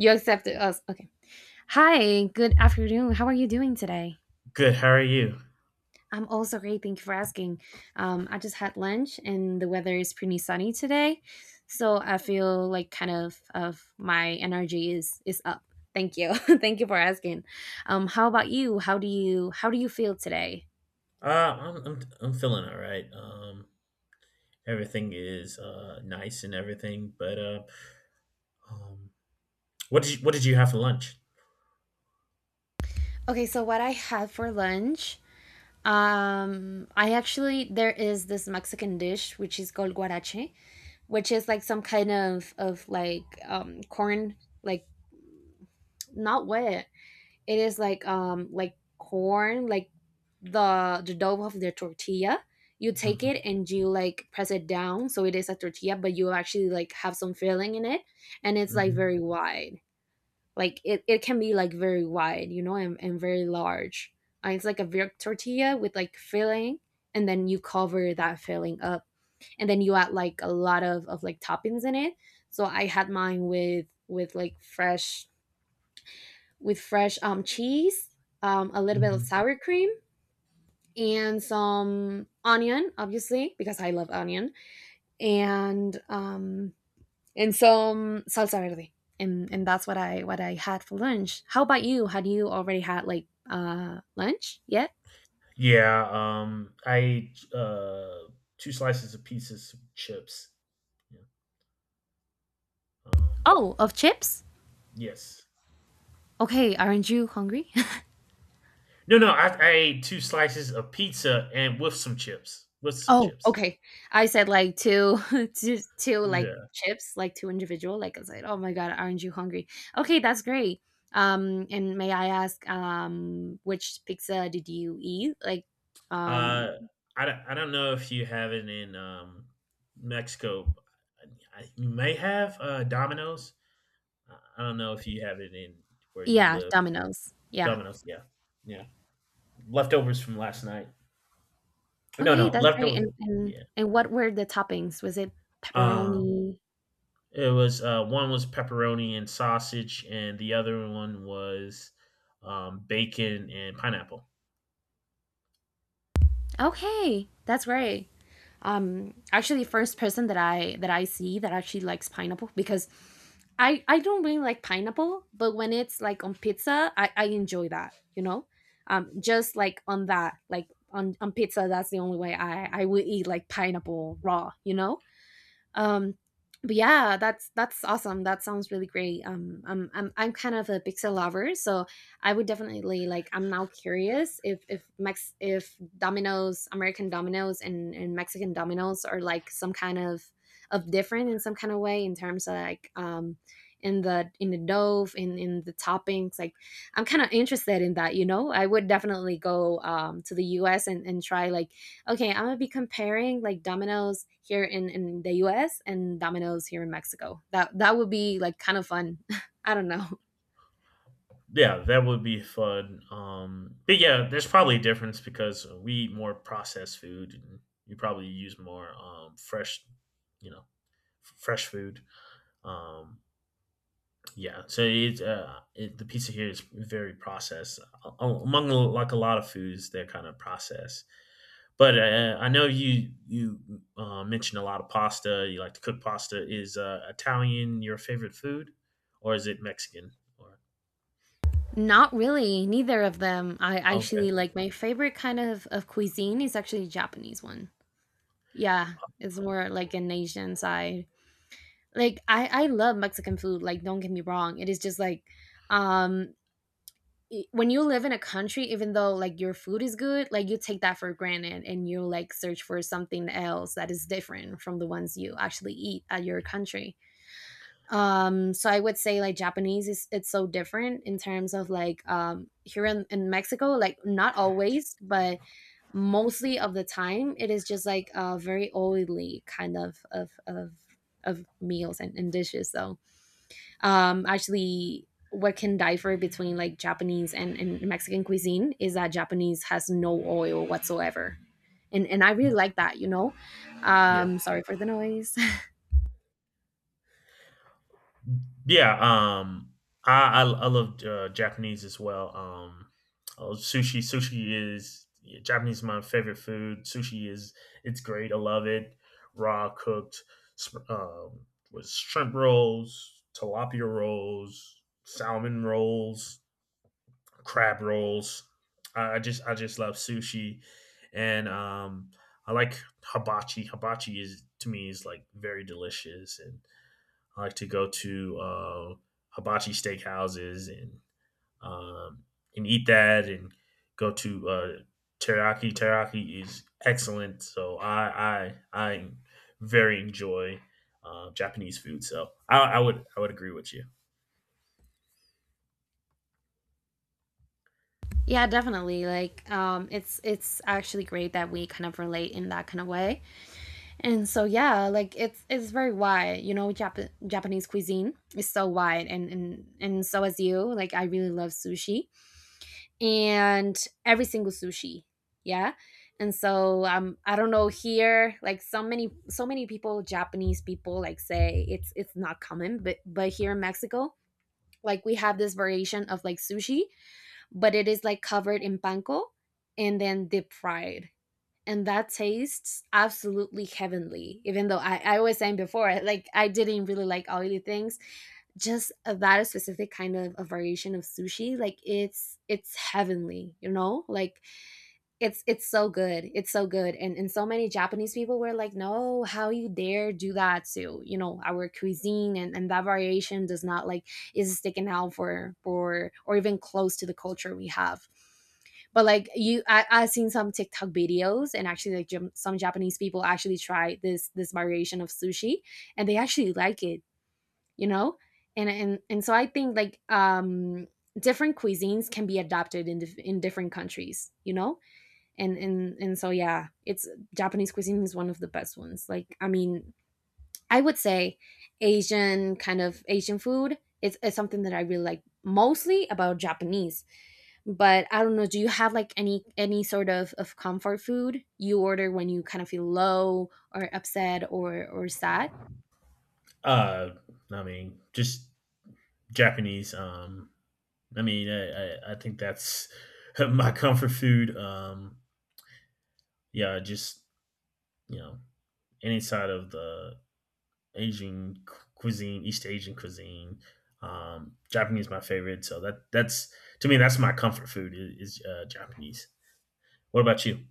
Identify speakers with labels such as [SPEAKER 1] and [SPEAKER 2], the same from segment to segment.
[SPEAKER 1] You accepted us. Okay. Hi, good afternoon. How are you doing today?
[SPEAKER 2] Good. How are you?
[SPEAKER 1] I'm also great. Thank you for asking. I just had lunch and the weather is pretty sunny today. So I feel like kind of my energy is up. Thank you. Thank you for asking. How about you? How do you how do you feel today?
[SPEAKER 2] I'm feeling all right. Everything is nice and everything, but um, what did you have for lunch?
[SPEAKER 1] Okay, so what I had for lunch, I actually there is this Mexican dish which is called guarache, which is like some kind of like corn like not wet. It is like corn, like the dough of the tortilla. You take
[SPEAKER 2] Mhm,
[SPEAKER 1] it and you like press it down so it is a tortilla, but you actually like have some filling in it and it's like
[SPEAKER 2] mhm,
[SPEAKER 1] very wide. Like it can be like very wide, you know, and very large. It's like a big tortilla with like filling and then you cover that filling up and then you add like a lot of like toppings in it. So I had mine with like fresh with fresh cheese, a little bit of
[SPEAKER 2] mhm.
[SPEAKER 1] sour cream, and some onion, obviously, because I love onion, and um, and some salsa verde. And that's what I had for lunch. How about you? Had you already had like lunch yet?
[SPEAKER 2] Yeah. I ate two slices of pizza, some chips. Yeah. Um,
[SPEAKER 1] Oh, of chips?
[SPEAKER 2] yes.
[SPEAKER 1] Okay, aren't you hungry?
[SPEAKER 2] No, no. I ate two slices of pizza and with some chips. With some
[SPEAKER 1] Oh,
[SPEAKER 2] chips.
[SPEAKER 1] okay. I said like two, two, two like
[SPEAKER 2] Yeah.
[SPEAKER 1] chips, like two individual. Like I said, oh my god, aren't you hungry? Okay, that's great. And may I ask, which pizza did you eat? Like,
[SPEAKER 2] Uh,
[SPEAKER 1] um,
[SPEAKER 2] I don't know if you have it in Mexico. You may have Domino's. I don't know if you have it in where you
[SPEAKER 1] yeah,
[SPEAKER 2] live.
[SPEAKER 1] Domino's. Yeah.
[SPEAKER 2] Domino's, yeah, yeah. Leftovers from last night. No,
[SPEAKER 1] Okay,
[SPEAKER 2] no
[SPEAKER 1] that's great.
[SPEAKER 2] leftovers.
[SPEAKER 1] And and
[SPEAKER 2] Yeah.
[SPEAKER 1] and what were the toppings? Was it
[SPEAKER 2] Um,
[SPEAKER 1] pepperoni?
[SPEAKER 2] it was one was pepperoni and sausage, and the other one was bacon and pineapple.
[SPEAKER 1] Okay, that's great. Actually, first person that I see that actually likes pineapple, because I don't really like pineapple, but when it's like on pizza I enjoy that, you know. Just like on that like on pizza, that's the only way I will eat like pineapple raw, you know. um, but yeah, that's awesome. That sounds really great. I'm I'm kind of a pixel lover, so I would definitely like. I'm now curious if Mex if Domino's American Domino's and Mexican Domino's are like some kind of different in some kind of way in terms of like in the dough in the toppings, like I'm kind of interested in that, you know. I would definitely go to the US and try like okay, I'm gonna be comparing like Domino's here in the U.S. and Domino's here in Mexico. That that would be like kind of fun. I don't know.
[SPEAKER 2] Yeah, that would be fun. But yeah, there's probably a difference because we eat more processed food, and you probably use more fresh, you know, fresh food. Um, yeah, so the pizza here is very processed. Among like a lot of foods, they're kind of processed. But I know you mentioned a lot of pasta. You like to cook pasta. Is Italian your favorite food, or is it Mexican? Or.
[SPEAKER 1] Not really. Neither of them. I
[SPEAKER 2] Okay,
[SPEAKER 1] actually like my favorite kind of cuisine is actually Japanese one. Yeah, it's more like an Asian side. Like I love Mexican food. Like don't get me wrong. It is just like um when you live in a country, even though like your food is good, like you take that for granted and you like search for something else that is different from the ones you actually eat at your country. So I would say like Japanese is it's so different in terms of like here in Mexico, like not always but mostly of the time it is just like a very oily kind of meals and dishes, so actually what can differ between like Japanese and Mexican cuisine is that Japanese has no oil whatsoever. And I really like that, you know.
[SPEAKER 2] yeah.
[SPEAKER 1] Sorry for the noise.
[SPEAKER 2] Yeah, um, I love Japanese as well. Oh, sushi, sushi is yeah, Japanese is my favorite food. Sushi is it's great. I love it. Raw cooked, sp- um, with shrimp rolls, tilapia rolls, salmon rolls, crab rolls. I just love sushi, and I like hibachi. Hibachi is to me is like very delicious, and I like to go to hibachi steakhouses um, and eat that and go to teriyaki. Teriyaki is excellent, so I very enjoy Japanese food. So I would agree with you.
[SPEAKER 1] Yeah, definitely. Like it's actually great that we kind of relate in that kind of way. And so yeah, like it's very wide, you know. Jap- Japanese cuisine is so wide and so as you, like I really love sushi and every single sushi yeah and so I don't know here like so many people, Japanese people, like say it's not common, but here in Mexico like we have this variation of like sushi, but it is like covered in panko and then deep fried, and that tastes absolutely heavenly, even though I was saying before like I didn't really like oily things. Just that specific kind of a variation of sushi, like it's heavenly, you know, like it's so good, it's so good. And so many Japanese people were like, no, how you dare do that to, you know, our cuisine, and that variation does not like is sticking out for or even close to the culture we have. But like you, I have seen some TikTok videos, and actually like some Japanese people actually try this variation of sushi, and they actually like it, you know. And so I think like different cuisines can be adopted in in different countries, you know. And so yeah, it's Japanese cuisine is one of the best ones. Like I mean, I would say Asian Asian food is something that I really like, mostly about Japanese. But I don't know, do you have like any sort of comfort food you order when you kind of feel low or upset or sad?
[SPEAKER 2] Uh, I mean, just Japanese. I mean, I think that's my comfort food. Yeah, just you know, any side of the Asian cuisine, East Asian cuisine, Japanese is my favorite. So that that's to me that's my comfort food is Japanese. What about you?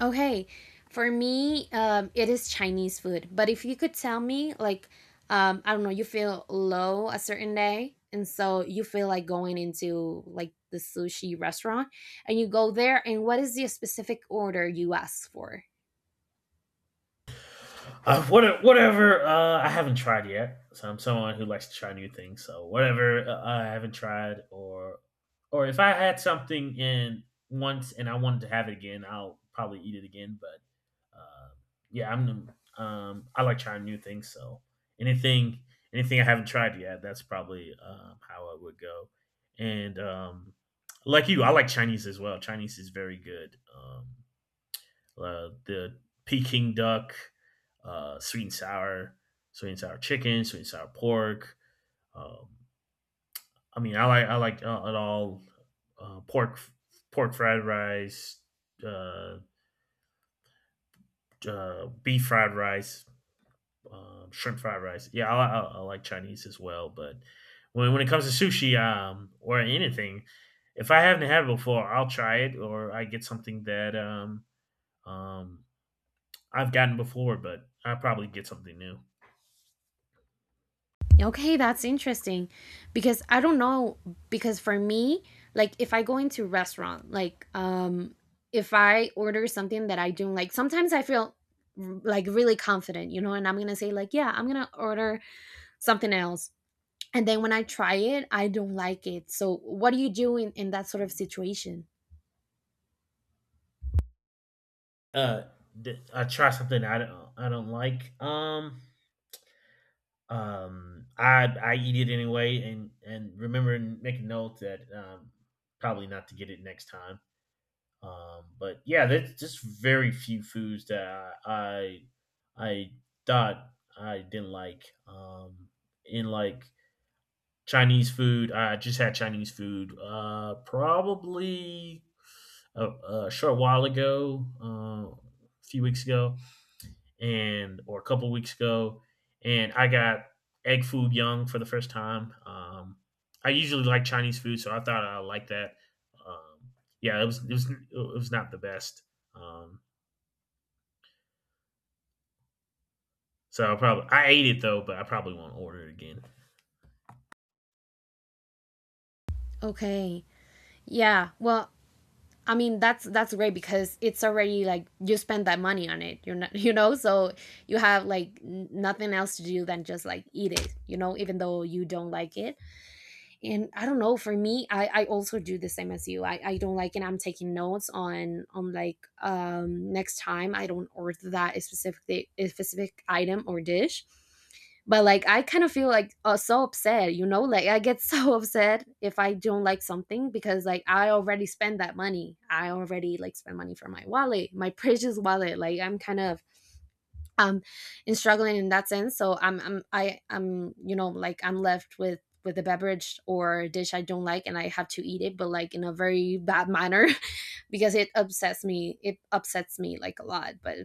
[SPEAKER 1] Okay, for me, it is Chinese food. But if you could tell me like I don't know, you feel low a certain day and so you feel like going into like the sushi restaurant, and you go there, and what is the specific order you ask for?
[SPEAKER 2] Whatever I haven't tried yet. So I'm someone who likes to try new things. So whatever I haven't tried, or if I had something in once and I wanted to have it again, I'll probably eat it again. But yeah, I like trying new things. So anything anything I haven't tried yet, that's probably how it would go. And like you, I like Chinese as well. Chinese is very good. The Peking duck, uh, sweet and sour, sweet and sour chicken, sweet and sour pork. Um, I mean, I like it all. Uh, pork pork fried rice, uh, beef fried rice, shrimp fried rice. Yeah, I like Chinese as well. But when it comes to sushi or anything, if I haven't had it before, I'll try it or I get something that um, I've gotten before, but I probably get something new.
[SPEAKER 1] Okay, that's interesting because I don't know, because for me, like if I go into restaurant, like if I order something that I don't like, sometimes I feel like really confident, you know, and I'm going to say like, yeah, I'm going to order something else. And then when I try it, I don't like it. So what do you do in that sort of situation?
[SPEAKER 2] uh I try something I don't like. I eat it anyway, and remember, and make a note that probably not to get it next time. But yeah, there's just very few foods that I thought I didn't like. In like Chinese food, I just had Chinese food probably a short while ago, a few weeks ago, and or a couple weeks ago, and I got egg foo young for the first time. I usually like Chinese food, so I thought I liked that. Um, yeah, it was not the best. Um, so I ate it though, but I probably won't order it again.
[SPEAKER 1] Okay. Yeah. Well, I mean that's great, because it's already like you spend that money on it. You're not you know, so you have like nothing else to do than just like eat it, you know, even though you don't like it. And I don't know, for me I also do the same as you. I don't like, and I'm taking notes on like next time I don't order that specific a specific item or dish. But like I kind of feel like so upset, you know, like I get so upset if I don't like something, because like I already spent that money, I already like spent money for my wallet, my precious wallet. Like I'm kind of um and struggling in that sense, so I'm you know, like I'm left with a beverage or a dish I don't like, and I have to eat it, but like in a very bad manner, because it upsets me, it upsets me like a lot. but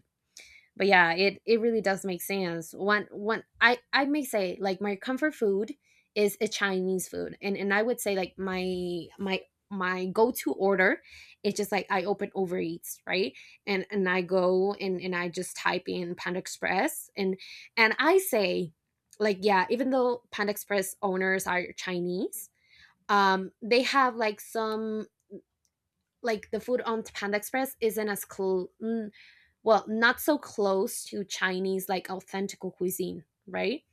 [SPEAKER 1] but yeah, it really does make sense. One one i i may say like my comfort food is a Chinese food, and I would say like my go-to order, it's just like I open overeats right, and I go and I just type in Panda Express, and I say like, yeah, even though Panda Express owners are Chinese, they have like some like the food on Panda Express isn't as close, well, not so close to Chinese like authentic cuisine, right?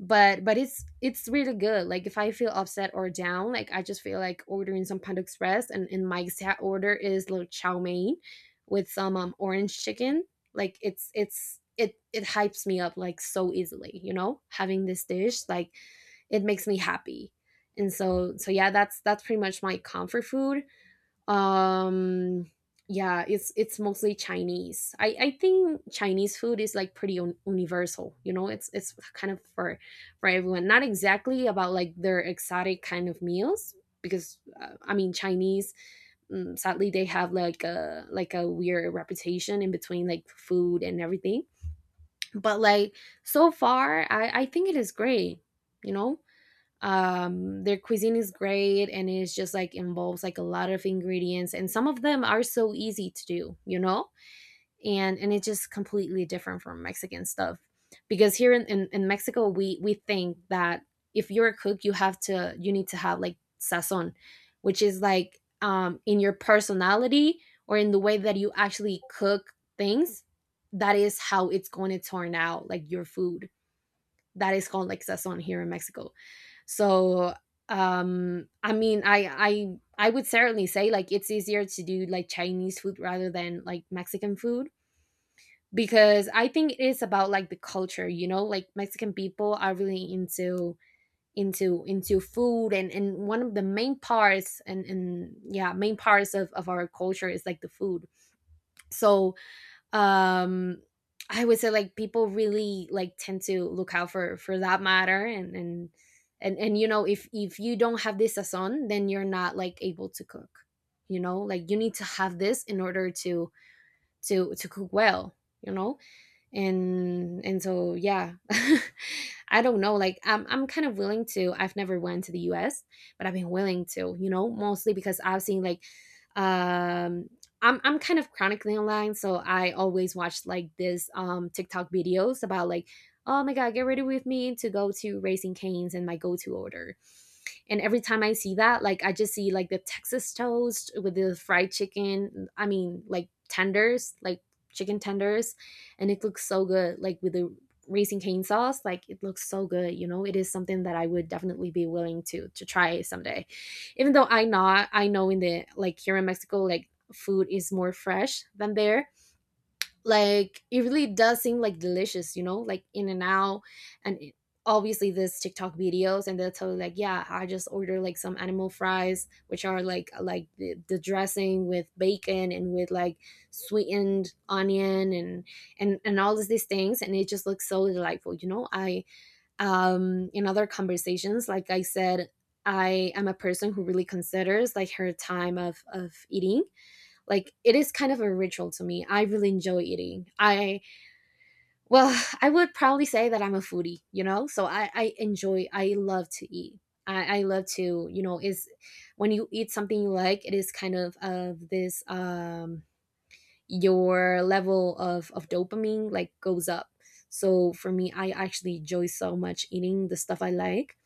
[SPEAKER 1] But it's really good. Like if I feel upset or down, like I just feel like ordering some Panda Express, and my exact order is like chow mein with some orange chicken. Like it it hypes me up like so easily, you know. Having this dish like it makes me happy, and so yeah, that's pretty much my comfort food. um yeah, it's mostly Chinese. I think Chinese food is like pretty universal, you know. It's kind of for everyone, not exactly about like their exotic kind of meals, because I mean Chinese, sadly they have like a weird reputation in between like food and everything. But like, so far I think it is great, you know. Um, their cuisine is great, and it's just like involves like a lot of ingredients, and some of them are so easy to do, you know. And it's just completely different from Mexican stuff, because here in, in Mexico we think that if you're a cook you have to you need to have like sazon which is like, um, in your personality or in the way that you actually cook things. That is how it's going to turn out, like your food. That is called like sazon here in Mexico. So, um i mean i I would certainly say like it's easier to do like Chinese food rather than like Mexican food, because I think it is about like the culture, you know. Like Mexican people are really into food, and one of the main parts, and yeah, main parts of our culture is like the food. So, um I would say like people really like tend to look out for that matter, and you know, if you don't have this sazon then you're not like able to cook, you know. Like you need to have this in order to cook well, you know. And so yeah. I don't know, like I'm kind of willing to. I've never went to the US, but I've been willing to, you know, mostly because I've seen like, um, I'm kind of chronically online, so I always watch like this um, TikTok videos about like, oh my god, get ready with me to go to racing canes and my go-to order. And every time I see that, like I just see like the Texas toast with the fried chicken. I mean, like tenders, like chicken tenders, and it looks so good. Like with the raisin cane sauce, like it looks so good. You know, it is something that I would definitely be willing to try someday. Even though I not I know, in the like here in Mexico, like food is more fresh than there. Like it really does seem like delicious, you know, like in and out and it- Obviously this TikTok videos, and they'll tell you like, yeah, I just order like some animal fries, which are like, like the dressing with bacon and with like sweetened onion, and all of these things, and it just looks so delightful, you know. I Um, in other conversations, like I said, I am a person who really considers like her time of eating. Like it is kind of a ritual to me. I really enjoy eating I Well, I would probably say that I'm a foodie, you know. So I enjoy, I love to eat. I love to, you know, is when you eat something you like, it is kind of this, um, your level of dopamine like goes up. So for me, I actually enjoy so much eating the stuff I like.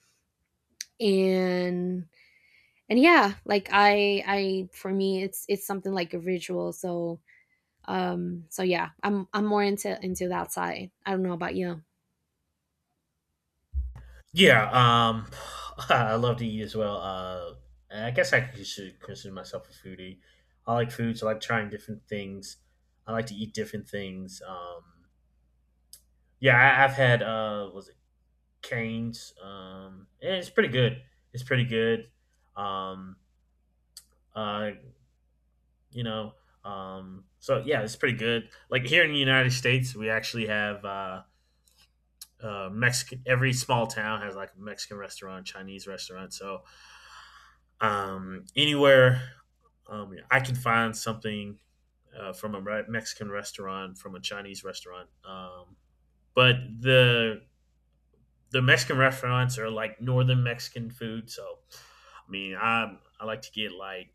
[SPEAKER 1] And yeah, like I for me it's something like a ritual. So um, so yeah, I'm more into that side. I don't know about you.
[SPEAKER 2] Yeah, I love to eat as well. I guess I should consider myself a foodie. I like food, so I like trying different things. I like to eat different things. Yeah, I've had was Canes. And it's pretty good. It's pretty good. Um, uh, you know, so yeah, it's pretty good. Like here in the United States, we actually have Mexican. Every small town has like a Mexican restaurant, Chinese restaurant. So anywhere I can find something from a Mexican restaurant, from a Chinese restaurant. But the Mexican restaurants are like northern Mexican food. So, I mean, I like to get like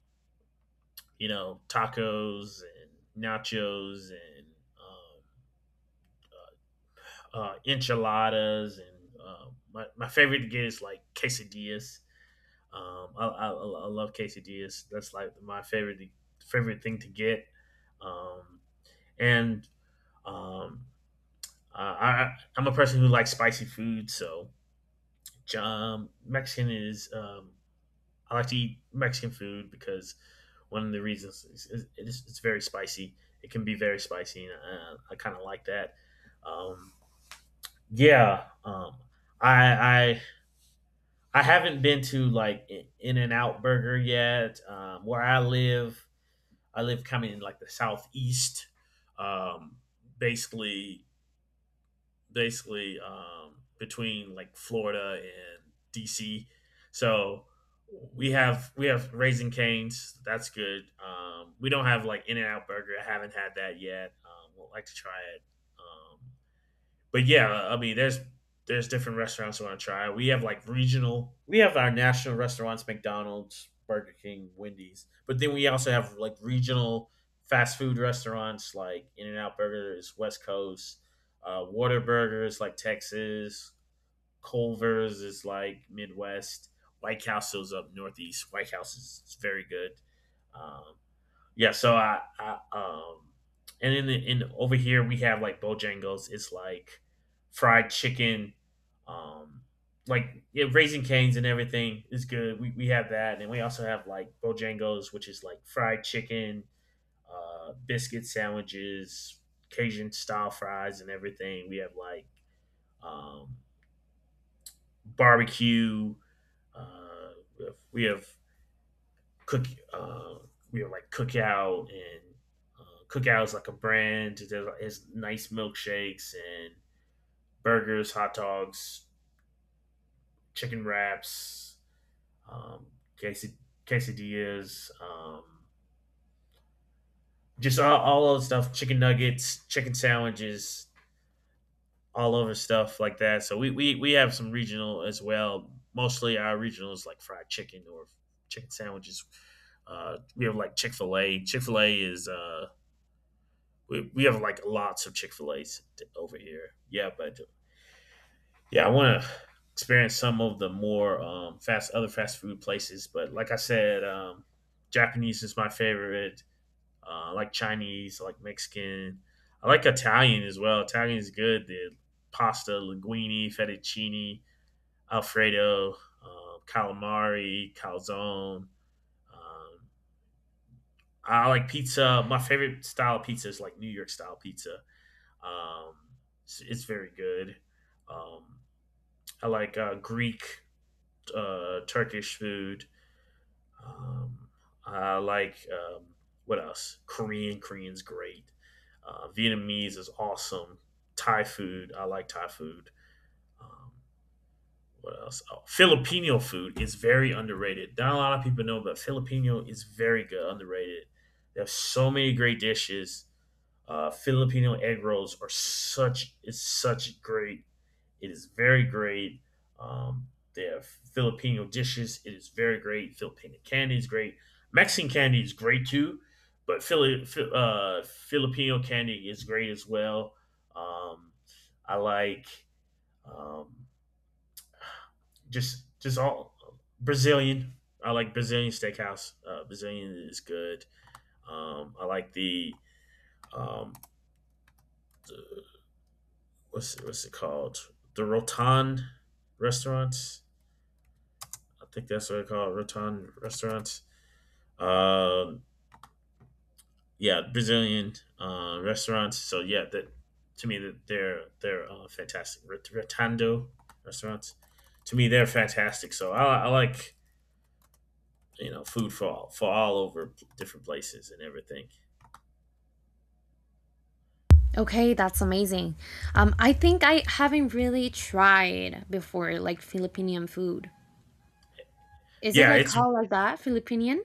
[SPEAKER 2] tacos and nachos and enchiladas and uh, my favorite to get is like quesadillas. I love quesadillas. That's like my favorite thing to get. Um, and um, I'm a person who likes spicy food, so Mexican is I like to eat Mexican food because one of the reasons is it's very spicy. It can be very spicy, and I kind of like that. Um, yeah, I, I I haven't been to like In and Out Burger yet. Where I live kind of in like the southeast. Um, basically, basically, between like Florida and DC. So we have Raising Canes. That's good. We don't have like In and Out Burger. I haven't had that yet. Would like to try it. Um, but yeah, I mean, there's different restaurants I want to try. We have like regional, we have our national restaurants, McDonald's, Burger King, Wendy's, but then we also have like regional fast food restaurants like In and Out Burgers, West Coast, Water Burgers like Texas, Culver's is like Midwest, White Castle's up Northeast. White House is very good. Um, yeah. So I and then in over here we have like Bojangles. It's like fried chicken, um, like yeah, raisin canes and everything is good. We have that, and we also have like Bojangles, which is like fried chicken, biscuit sandwiches, Cajun style fries, and everything. We have like um, barbecue. Uh, we have cook uh, cookout, and cookout is like a brand. There's It's nice milkshakes and burgers, hot dogs, chicken wraps, um, quesad- quesadillas, just all those stuff, chicken nuggets, chicken sandwiches, all over stuff like that. So we have some regional as well. Mostly our regional is like fried chicken or chicken sandwiches. We have like we have like lots of Chick Fil A's over here. Yeah, but yeah, I want to experience some of the more fast other fast food places. But like I said, Japanese is my favorite. I like Chinese, I like Mexican, I like Italian as well. Italian is good. The pasta, linguine, fettuccine, alfredo, calamari, calzone. Um, I like pizza. My favorite style of pizza is like New York style pizza. Um, it's very good. Um, I like Greek, Turkish food. Um, I like what else? Korean. Korean's great. Vietnamese is awesome. Thai food. I like Thai food. Um, what else? Oh, Filipino food is very underrated. Not a lot of people know, but Filipino is very good, underrated. They have so many great dishes. Filipino egg rolls are such is such great. It is very great. Um, they have Filipino dishes. It is very great. Filipino candy is great. Mexican candy is great too, but Filipino candy is great as well. Um, I like um, just all Brazilian. I like Brazilian steakhouse. Brazilian is good. I like the um, what's it called? The Rotan restaurants. I think that's what I call it, Rotan restaurants. Uh, yeah, Brazilian restaurants. So yeah, that to me that they're fantastic. Rotando restaurants. To me, they're fantastic. So I like food for all over different places and everything.
[SPEAKER 1] Okay, that's amazing. I think I haven't really tried before, like Filipinian food. Is it
[SPEAKER 2] Yeah,
[SPEAKER 1] like
[SPEAKER 2] it's
[SPEAKER 1] called like that, Filipinian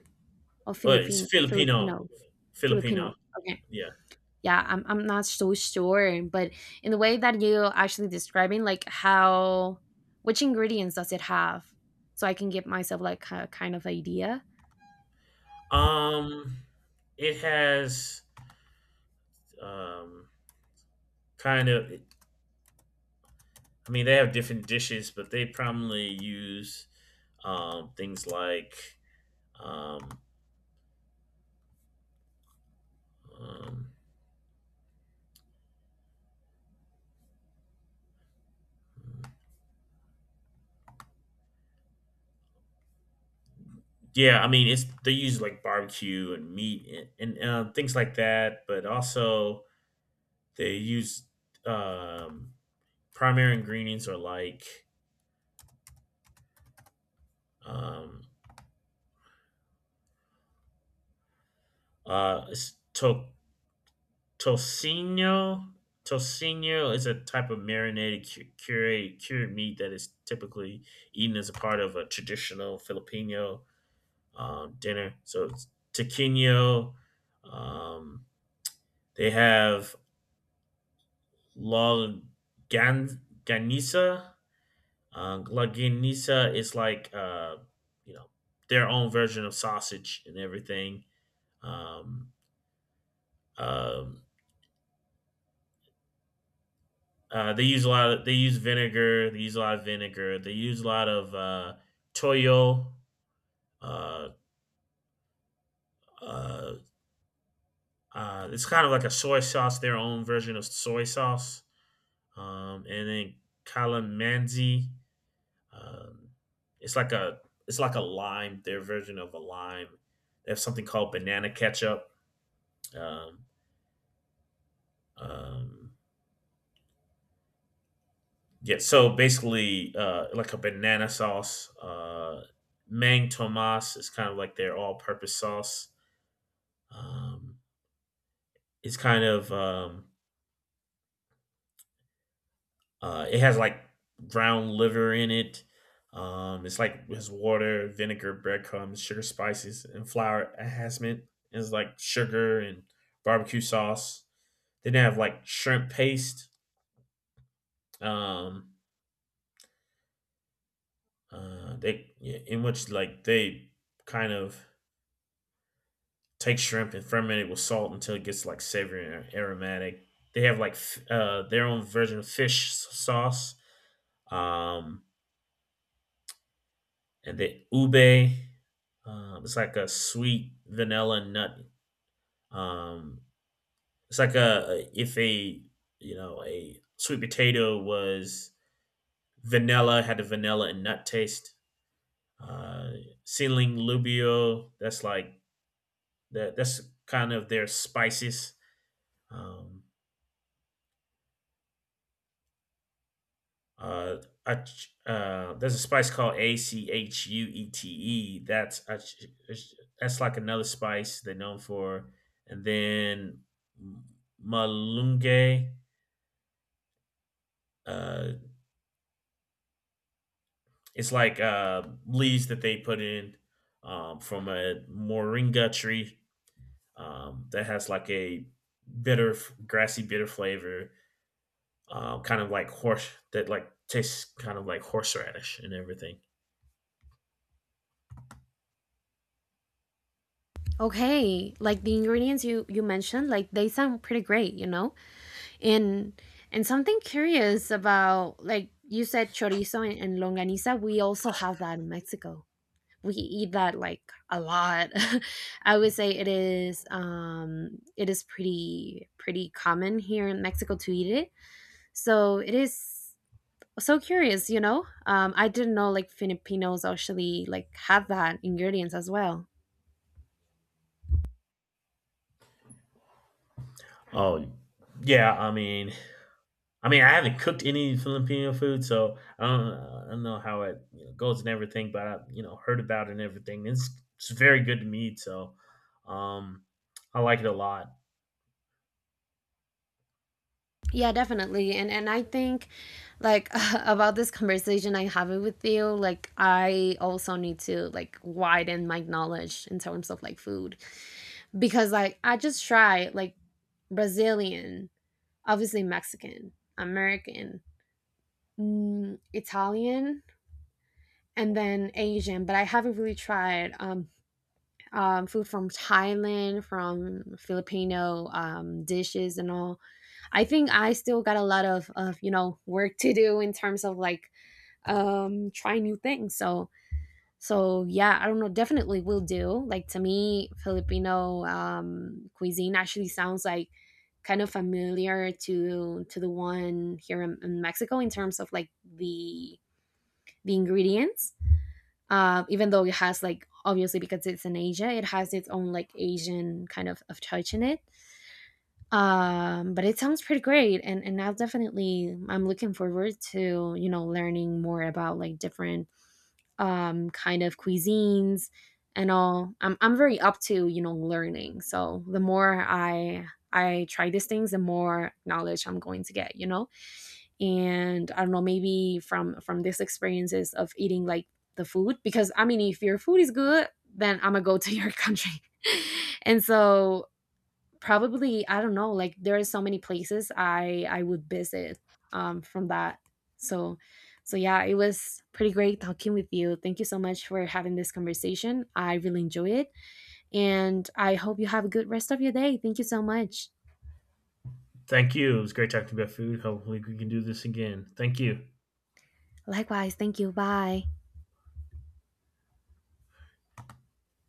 [SPEAKER 1] or
[SPEAKER 2] oh, it's
[SPEAKER 1] Philippine
[SPEAKER 2] Filipino,
[SPEAKER 1] Filipino
[SPEAKER 2] Filipino.
[SPEAKER 1] Filipino? Okay,
[SPEAKER 2] Yeah.
[SPEAKER 1] yeah, I'm not so sure, but in the way that you actually describing, like how which ingredients does it have, so I can give myself like a kind of idea.
[SPEAKER 2] Um, it has um kind of I mean, they have different dishes, but they primarily use things like, um, um, yeah, I mean, it's they use like barbecue and meat, and things like that, but also they use um, primary ingredients are like um, uh, it's to- tocino. Tocino is a type of marinated cured meat that is typically eaten as a part of a traditional Filipino dinner. So it's taquino. Um, they have la ganisa. La ganisa is like you know their own version of sausage and everything. Um, um, they use a lot of they use vinegar. They use a lot of vinegar. They use a lot of toyo. Uh, uh, it's kind of like a soy sauce, their own version of soy sauce. And then calamansi. Um, it's like a it's like a lime, their version of a lime. They have something called banana ketchup. Um, um, yeah, so basically, like a banana sauce. Mang Tomas is kind of like their all-purpose sauce. Um, it's kind of. It has like ground liver in it. It's like his water, vinegar, breadcrumbs, sugar, spices, and flour enhancement. It's like sugar and barbecue sauce. Then they have like shrimp paste. Um, they yeah, in which like they kind of take shrimp and ferment it with salt until it gets like savory and aromatic. They have like their own version of fish sauce. Um, and the ube. It's like a sweet vanilla nut. Um, it's like a if a a sweet potato was vanilla had a vanilla and nut taste. Uh, Ceiling lubio. That's like that. That's kind of their spices. Um, Uh, there's a spice called achuete. Ach- that's like another spice they're known for. And then malunge, uh, it's like leaves that they put in from a moringa tree that has like a bitter, grassy bitter flavor, kind of like horse that like tastes kind of like horseradish and everything.
[SPEAKER 1] Okay, like the ingredients you mentioned, like they sound pretty great, you know. And something curious about like you said chorizo and longaniza, we also have that in Mexico. We eat that like a lot. I would say it is, um, it is pretty pretty common here in Mexico to eat it. So it is so curious, you know. Um, I didn't know like Filipinos actually like have that ingredients as well.
[SPEAKER 2] Oh yeah, I mean, I haven't cooked any Filipino food, so I don't know how it goes and everything, but I've heard about it and everything. It's very good to meat, so um, I like it a lot.
[SPEAKER 1] Yeah, definitely. And I think like about this conversation I'm having with you, like I also need to like widen my knowledge in terms of like food, because like I just try like Brazilian, obviously Mexican, American, Italian, and then Asian. But I haven't really tried, um, food from Thailand, from Filipino, um, dishes and all. I think I still got a lot of you know work to do in terms of like, um, try new things. So, so yeah, I don't know, definitely will do. Like to me, Filipino, cuisine actually sounds like kind of familiar to the one here in Mexico in terms of like the ingredients. Even though it has like, obviously because it's in Asia, it has its own like Asian kind of touch in it. But it sounds pretty great, and I'll definitely, I'm looking forward to you know learning more about like different, kind of cuisines and all. I'm very up to you know learning. So the more I try these things, the more knowledge I'm going to get, you know. And I don't know, maybe from these experiences of eating like the food, because I mean if your food is good, then I'm gonna go to your country. And so probably, I don't know, like there are so many places I would visit from that. So, so yeah, it was pretty great talking with you. Thank you so much for having this conversation. I really enjoy it, and I hope you have a good rest of your day. Thank you so much.
[SPEAKER 2] Thank you. It was great talking about food. Hopefully, we can do this again. Thank you.
[SPEAKER 1] Likewise, thank you. Bye.